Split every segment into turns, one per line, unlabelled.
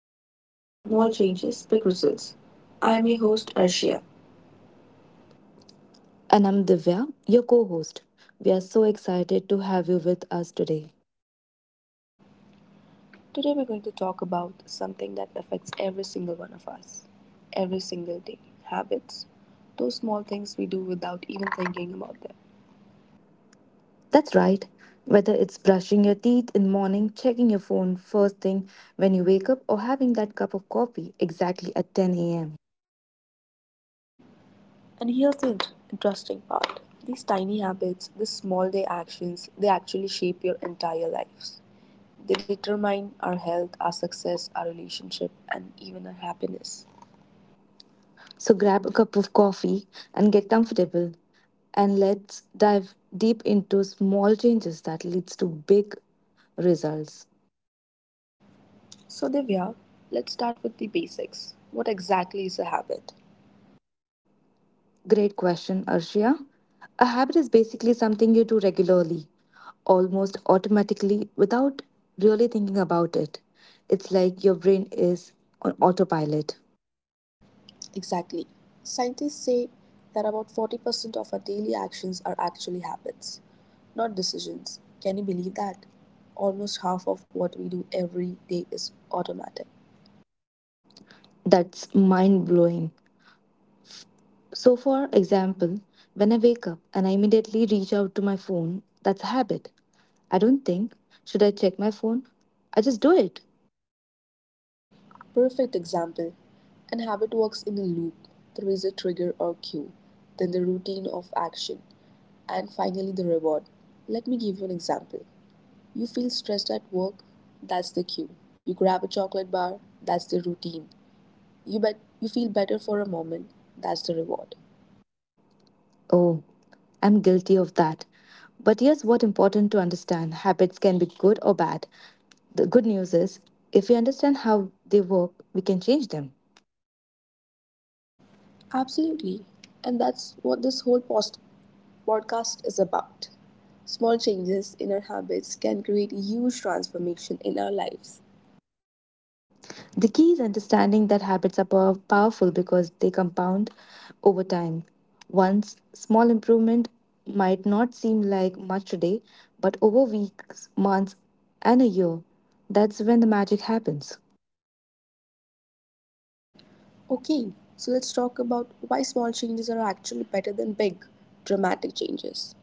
Power of Habits Small Changes, Big Results. I'm your host, Arshia.
And I'm Divya, your co host. We are so excited to have you with us today.
Today, we're going to talk about something that affects every single one of us every single day habits, those small things we do without even thinking about them.
That's right. Whether it's brushing your teeth in the morning, checking your phone first thing when you wake up, or having that cup of coffee exactly at 10 a.m.
And here's the interesting part these tiny habits, these small day actions, they actually shape your entire lives. They determine our health, our success, our relationship, and even our happiness.
So grab a cup of coffee and get comfortable, and let's dive deep into small changes that leads to big results.
So, Divya, let's start with the basics. What exactly is a habit?
Great question, Arshia. A habit is basically something you do regularly, almost automatically, without really thinking about it. It's like your brain is on autopilot.
Exactly. Scientists say that about 40% of our daily actions are actually habits, not decisions. Can you believe that? Almost half of what we do every day is automatic.
That's mind blowing. So, for example, when I wake up and I immediately reach out to my phone, that's a habit. I don't think, should I check my phone? I just do it.
Perfect example. An habit works in a loop. There is a trigger or cue, then the routine of action, and finally the reward. Let me give you an example. You feel stressed at work? That's the cue. You grab a chocolate bar? That's the routine. You bet you feel better for a moment? That's the reward.
Oh, I'm guilty of that. But here's what important to understand habits can be good or bad. The good news is, if we understand how they work, we can change them.
Absolutely. And that's what this whole podcast is about. Small changes in our habits can create huge transformation in our lives.
The key is understanding that habits are powerful because they compound over time. Once small improvement might not seem like much today, but over weeks, months, and a year, that's when the magic happens.
Okay, so let's talk about why small changes are actually better than big, dramatic changes.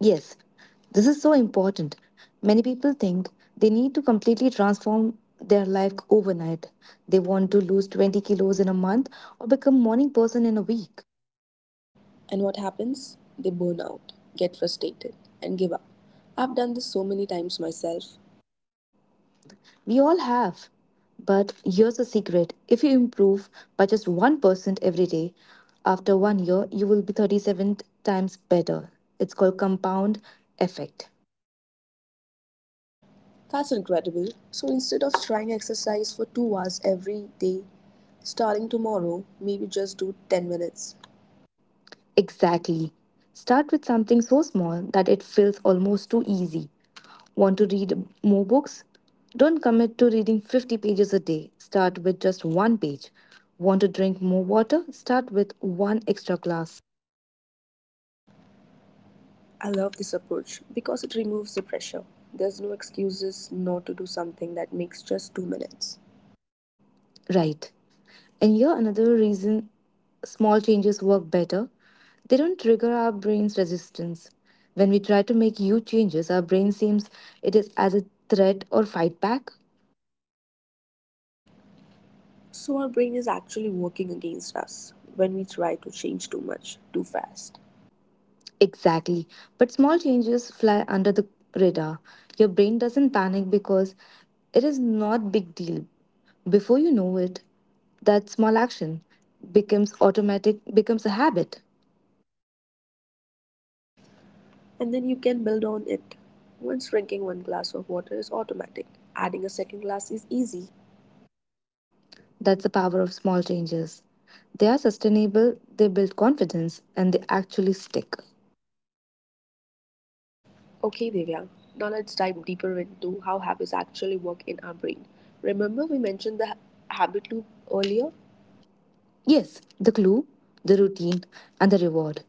Yes, this is so important. Many people think they need to completely transform their life overnight. They want to lose 20 kilos in a month or become morning person in a week.
And what happens? They burn out, get frustrated, and give up. I've done this so many times myself.
We all have. But here's the secret if you improve by just 1% every day, after 1 year, you will be 37 times better. It's called compound effect.
That's incredible. So instead of trying exercise for 2 hours every day, starting tomorrow, maybe just do 10 minutes.
Exactly. Start with something so small that it feels almost too easy. Want to read more books? Don't commit to reading 50 pages a day. Start with just one page. Want to drink more water? Start with one extra glass.
I love this approach because it removes the pressure. There's no excuses not to do something that makes just 2 minutes.
Right. And here another reason small changes work better. They don't trigger our brain's resistance. When we try to make huge changes, our brain seems it is as a threat or fight back.
So our brain is actually working against us when we try to change too much, too fast.
Exactly. But small changes fly under the radar. Your brain doesn't panic because it is not big deal. Before you know it, that small action becomes automatic, becomes a habit.
And then you can build on it. Once drinking one glass of water is automatic, adding a second glass is easy.
That's the power of small changes. They are sustainable, they build confidence, and they actually stick.
Okay, Divya, now let's dive deeper into how habits actually work in our brain. Remember, we mentioned the habit loop earlier?
Yes, the clue, the routine, and the reward.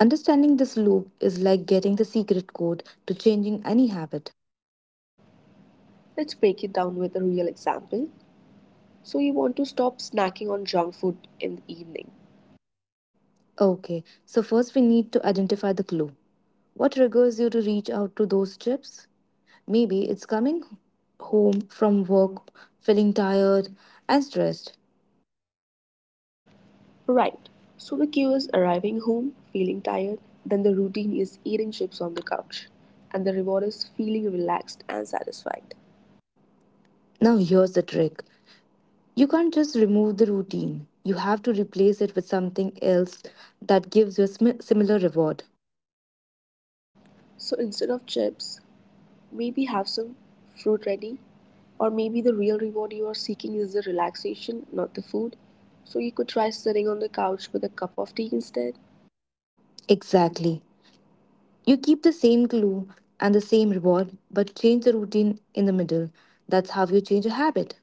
Understanding this loop is like getting the secret code to changing any habit.
Let's break it down with a real example. So, you want to stop snacking on junk food in the evening.
Okay, so first we need to identify the clue. What triggers you to reach out to those chips? Maybe it's coming home from work, feeling tired and stressed.
Right, so the cue is arriving home, feeling tired, then the routine is eating chips on the couch, and the reward is feeling relaxed and satisfied.
Now, here's the trick. You can't just remove the routine. You have to replace it with something else that gives you a similar reward.
So, instead of chips, maybe have some fruit ready, or maybe the real reward you are seeking is the relaxation, not the food. So you could try sitting on the couch with a cup of tea instead.
Exactly. You keep the same clue and the same reward, but change the routine in the middle. That's how you change a habit.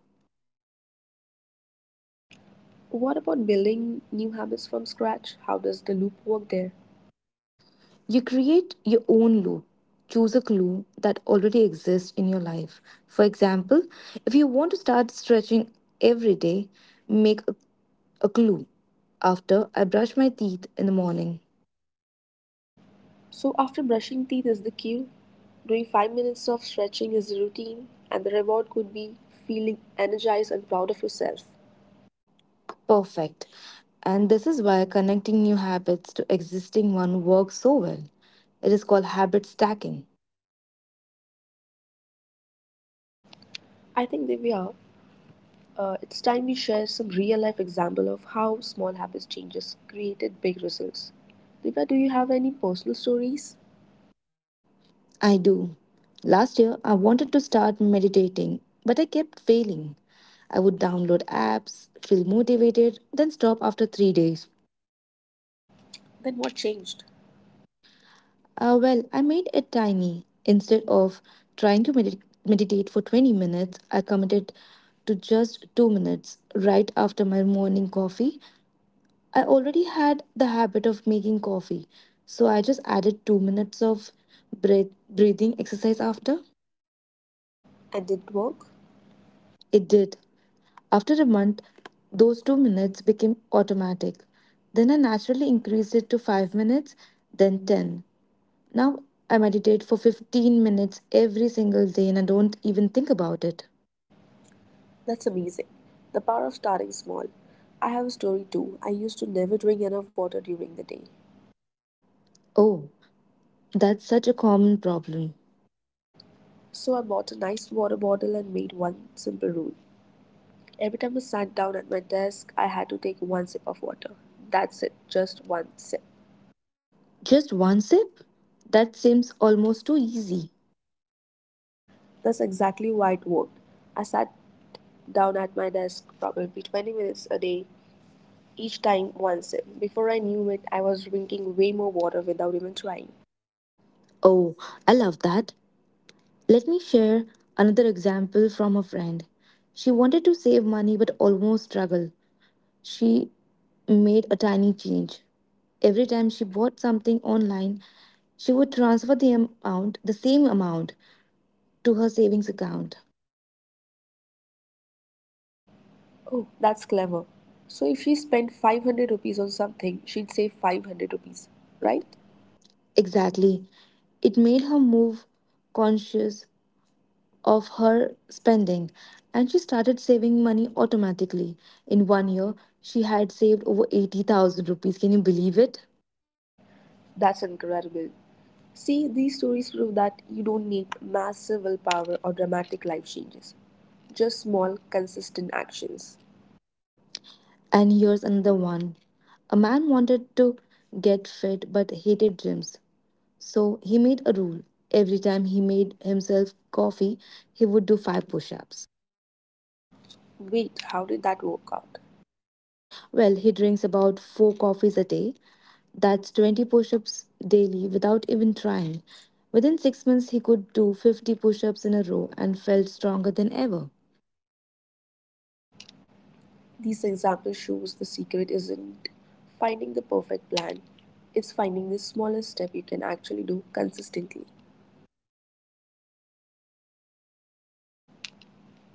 What about building new habits from scratch? How does the loop work there?
You create your own loop. Choose a clue that already exists in your life. For example, if you want to start stretching every day, make a clue. After I brush my teeth in the morning,
So after brushing teeth is the cue. Doing 5 minutes of stretching is the routine, and the reward could be feeling energized and proud of yourself.
perfect. And this is why connecting new habits to existing one works so well. It is called habit stacking.
I think, Divya, it's time we share some real life example of how small habits changes created big results. Divya, do you have any personal stories?
I do. Last year, I wanted to start meditating, but I kept failing. I would download apps, feel motivated, then stop after 3 days.
Then what changed?
Well, I made it tiny. Instead of trying to meditate for 20 minutes, I committed to just 2 minutes right after my morning coffee. I already had the habit of making coffee, so I just added 2 minutes of breathing exercise after.
And did it work?
It did. After a month, those 2 minutes became automatic. Then I naturally increased it to 5 minutes, then 10. Now I meditate for 15 minutes every single day and I don't even think about it.
That's amazing. The power of starting small. I have a story too. I used to never drink enough water during the day.
Oh, that's such a common problem.
So I bought a nice water bottle and made one simple rule. Every time I sat down at my desk, I had to take one sip of water. That's it, just one sip.
Just one sip? That seems almost too easy.
That's exactly why it worked. I sat down at my desk probably 20 minutes a day, each time one sip. Before I knew it, I was drinking way more water without even trying.
Oh, I love that. Let me share another example from a friend. She wanted to save money but almost struggled. She made a tiny change. Every time she bought something online, she would transfer the amount, the same amount, to her savings account,
Oh, that's clever. So if she spent 500 rupees on something, she'd save 500 rupees,
right?
right?
Exactly. It made her move conscious of her spending and she started saving money automatically. In 1 year, she had saved over 80,000 rupees. Can you believe it?
That's incredible. See, these stories prove that you don't need massive willpower or dramatic life changes, just small, consistent actions.
And here's another one. A man wanted to get fit but hated gyms. So he made a rule. Every time he made himself coffee, he would do five push ups.
Wait, how did that work out?
Well, he drinks about four coffees a day. That's 20 push ups daily without even trying. Within 6 months, he could do 50 push ups in a row and felt stronger than ever.
This example shows the secret isn't finding the perfect plan, it's finding the smallest step you can actually do consistently.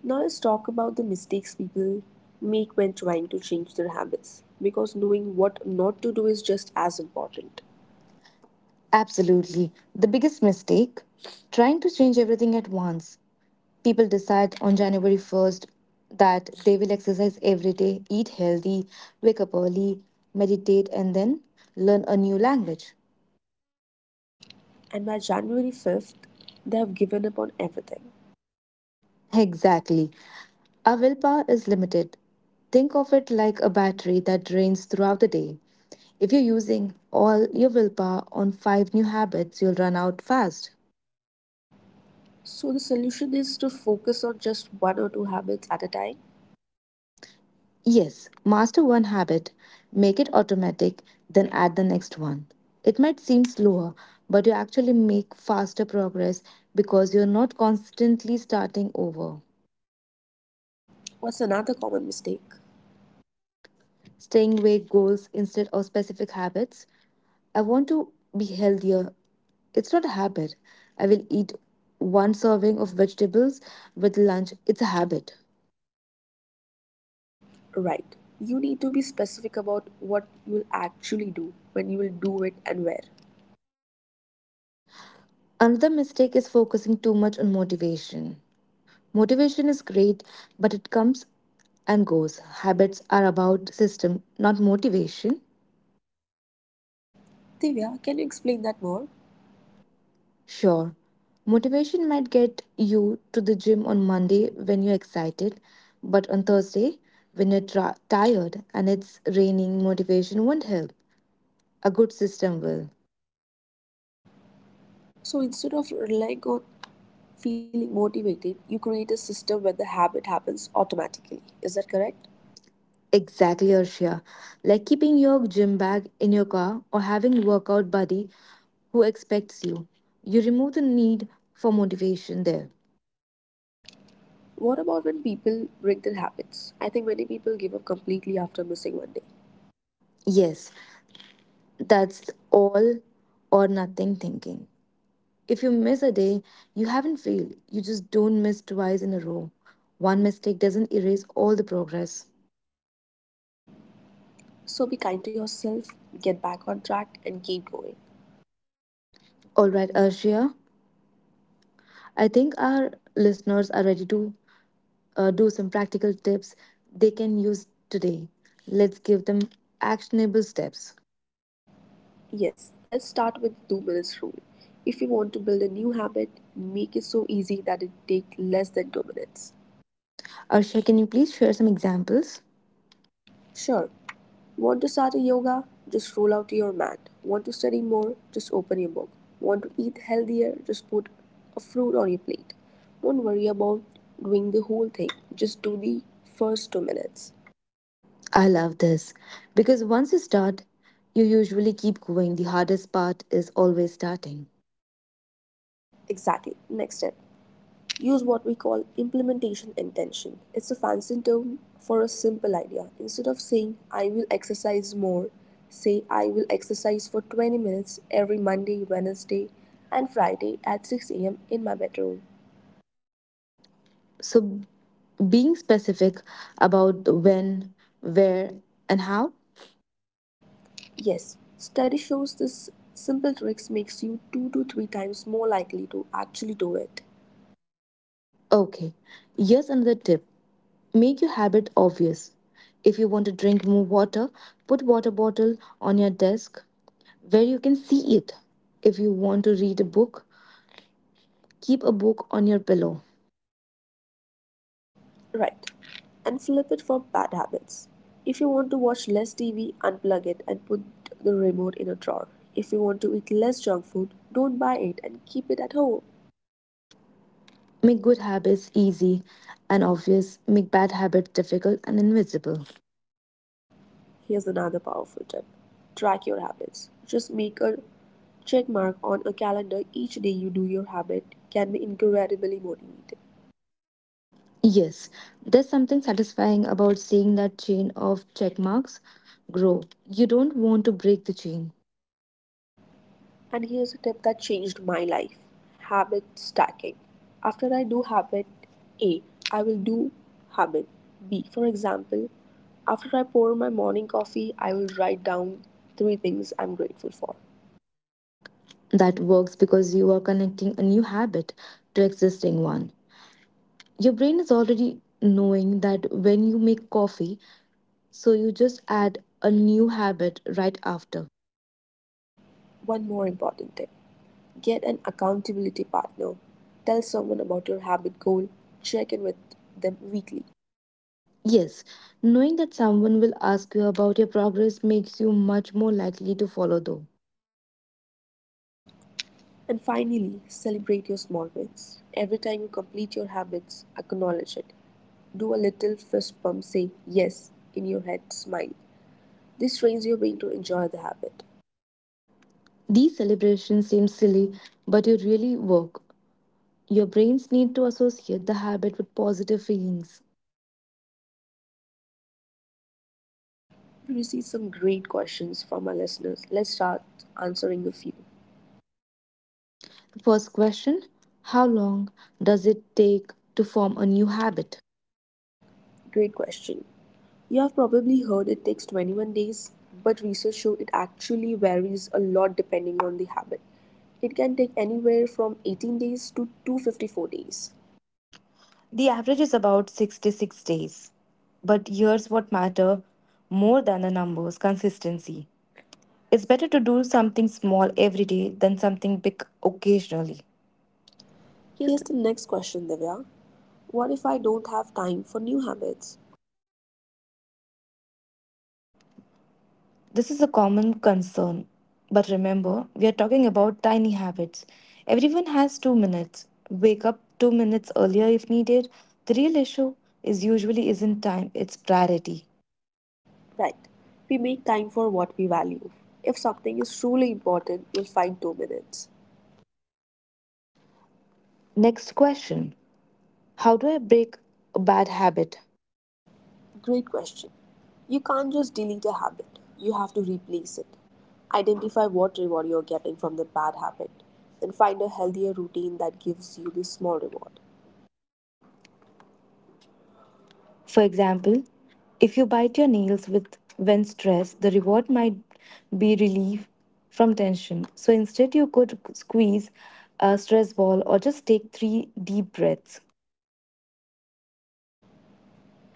Now, let's talk about the mistakes people make when trying to change their habits, because knowing what not to do is just as important.
Absolutely. The biggest mistake? Trying to change everything at once. People decide on January 1st that they will exercise every day, eat healthy, wake up early, meditate, and then learn a new language.
And by January 5th, they have given up on everything.
Exactly. Our willpower is limited. Think of it like a battery that drains throughout the day. If you're using all your willpower on five new habits, you'll run out fast.
So, the solution is to focus on just one or two habits at a time.
Yes, master one habit, make it automatic, then add the next one. It might seem slower, but you actually make faster progress because you're not constantly starting over.
What's another common mistake?
Staying vague goals instead of specific habits. I want to be healthier. It's not a habit. I will eat one serving of vegetables with lunch. It's a habit.
Right. You need to be specific about what you will actually do, when you will do it, and where.
Another mistake is focusing too much on motivation. Motivation is great, but it comes and goes. Habits are about system, not motivation.
Divya, can you explain that more?
Sure, motivation might get you to the gym on Monday when you're excited, but on Thursday, when you're tired and it's raining, motivation won't help. A good system will.
So instead of relying on feeling motivated, you create a system where the habit happens automatically. Is that correct?
Exactly, Arshia. Like keeping your gym bag in your car or having workout buddy who expects you. You remove the need for motivation there.
What about when people break their habits? I think many people give up completely after missing one day.
Yes, that's all or nothing thinking. If you miss a day, you haven't failed. You just don't miss twice in a row. One mistake doesn't erase all the progress.
So be kind to yourself, get back on track, and keep going.
All right, Arshia, I think our listeners are ready to do some practical tips they can use today. Let's give them actionable steps.
Yes, let's start with 2 minutes rule. If you want to build a new habit, make it so easy that it takes less than 2 minutes.
Arshia, can you please share some examples?
Sure, want to start a yoga? Just roll out your mat. Want to study more? Just open your book. Want to eat healthier? Just put a fruit on your plate. Don't worry about doing the whole thing, just do the first 2 minutes.
I love this because once you start, you usually keep going. The hardest part is always starting.
Exactly. Next step use what we call implementation intention. It's a fancy term for a simple idea. Instead of saying, I will exercise more, say, I will exercise for 20 minutes every Monday, Wednesday, and Friday at 6 a.m. in my bedroom.
So being specific about the when, where, and how?
Yes, study shows this simple tricks makes you 2 to 3 times more likely to actually do it.
Okay, here's another tip, make your habit obvious. If you want to drink more water, put water bottle on your desk where you can see it. If you want to read a book, keep a book on your pillow.
Right. And flip it for bad habits. If you want to watch less TV, unplug it and put the remote in a drawer. If you want to eat less junk food, don't buy it and keep it at home.
Make good habits easy and obvious, make bad habits difficult and invisible.
Here's another powerful tip track your habits. Just make a check mark on a calendar each day you do your habit can be incredibly motivating.
Yes, there's something satisfying about seeing that chain of check marks grow. You don't want to break the chain.
And here's a tip that changed my life habit stacking. After I do habit A, I will do habit B. For example, after I pour my morning coffee, I will write down three things I'm grateful for.
That works because you are connecting a new habit to existing one. Your brain is already knowing that when you make coffee, so you just add a new habit right after.
One more important tip get an accountability partner. Tell someone about your habit goal, check in with them weekly.
Yes, knowing that someone will ask you about your progress makes you much more likely to follow though.
And finally, celebrate your small wins. Every time you complete your habits, acknowledge it. Do a little fist pump. Say yes in your head smile. This trains your brain to enjoy the habit.
These celebrations seem silly, but you really work. Your brains need to associate the habit with positive feelings.
We received some great questions from our listeners. Let's start answering a few.
First question, how long does it take to form a new habit?
Great question. You have probably heard it takes 21 days, but research shows it actually varies a lot depending on the habit. It can take anywhere from 18 days to 254 days.
The average is about 66 days. But here's what matter more than the numbers consistency. It's better to do something small every day than something big occasionally. Yes.
Here's the next question, Divya. What if I don't have time for new habits?
This is a common concern. But remember, we are talking about tiny habits. Everyone has 2 minutes. Wake up 2 minutes earlier if needed. The real issue is usually isn't time, it's priority.
Right. We make time for what we value. If something is truly important, you'll find 2 minutes.
Next question, how do I break a bad habit?
Great question. You can't just delete a habit, you have to replace it. Identify what reward you're getting from the bad habit, then find a healthier routine that gives you the small reward.
For example, if you bite your nails with when stressed, the reward might be relief from tension. So instead, you could squeeze a stress ball or just take three deep breaths.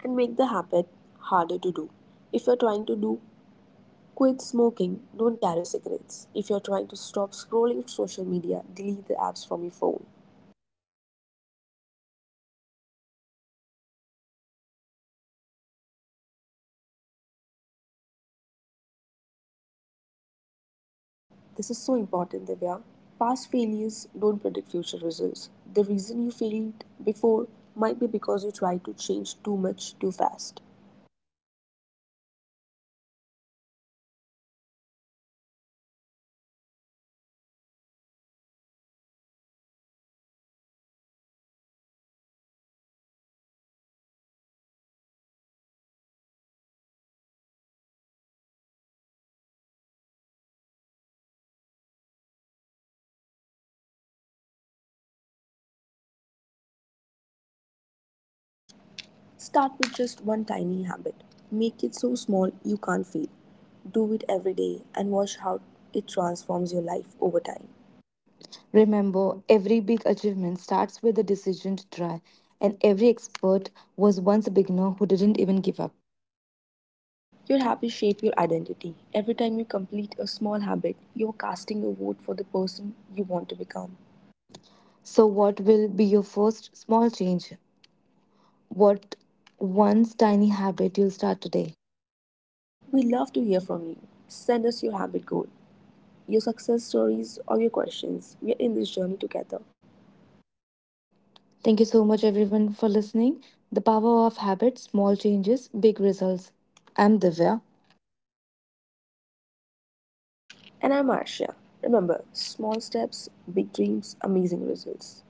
And make the habit harder to do. If you're trying to do quit smoking, don't carry cigarettes. If you're trying to stop scrolling social media, delete the apps from your phone.
The last question I have, Arshia, what if I have failed a changing habit before? Will this time be different or difficult?
This is so important, Divya. Past failures don't predict future results. The reason you failed before might be because you tried to change too much too fast.
This time, start smaller. Start with something you tiny, so tiny that you can't feel. Build from there. Every day is a new opportunity.
Start with just one tiny habit. Make it so small you can't fail. Do it every day and watch how it transforms your life over time.
Remember, every big achievement starts with a decision to try, and every expert was once a beginner who didn't even give up.
Your habits shape your identity. Every time you complete a small habit, you're casting a vote for the person you want to become.
So, what will be your first small change? What one tiny habit you'll start today?
We love to hear from you. Send us your habit goal. Your success stories, or your questions. We are in this journey together.
Thank you so much, everyone, for listening. The power of habits, small changes, big results. I'm Divya.
And I'm Marcia. Remember, small steps, big dreams, amazing results.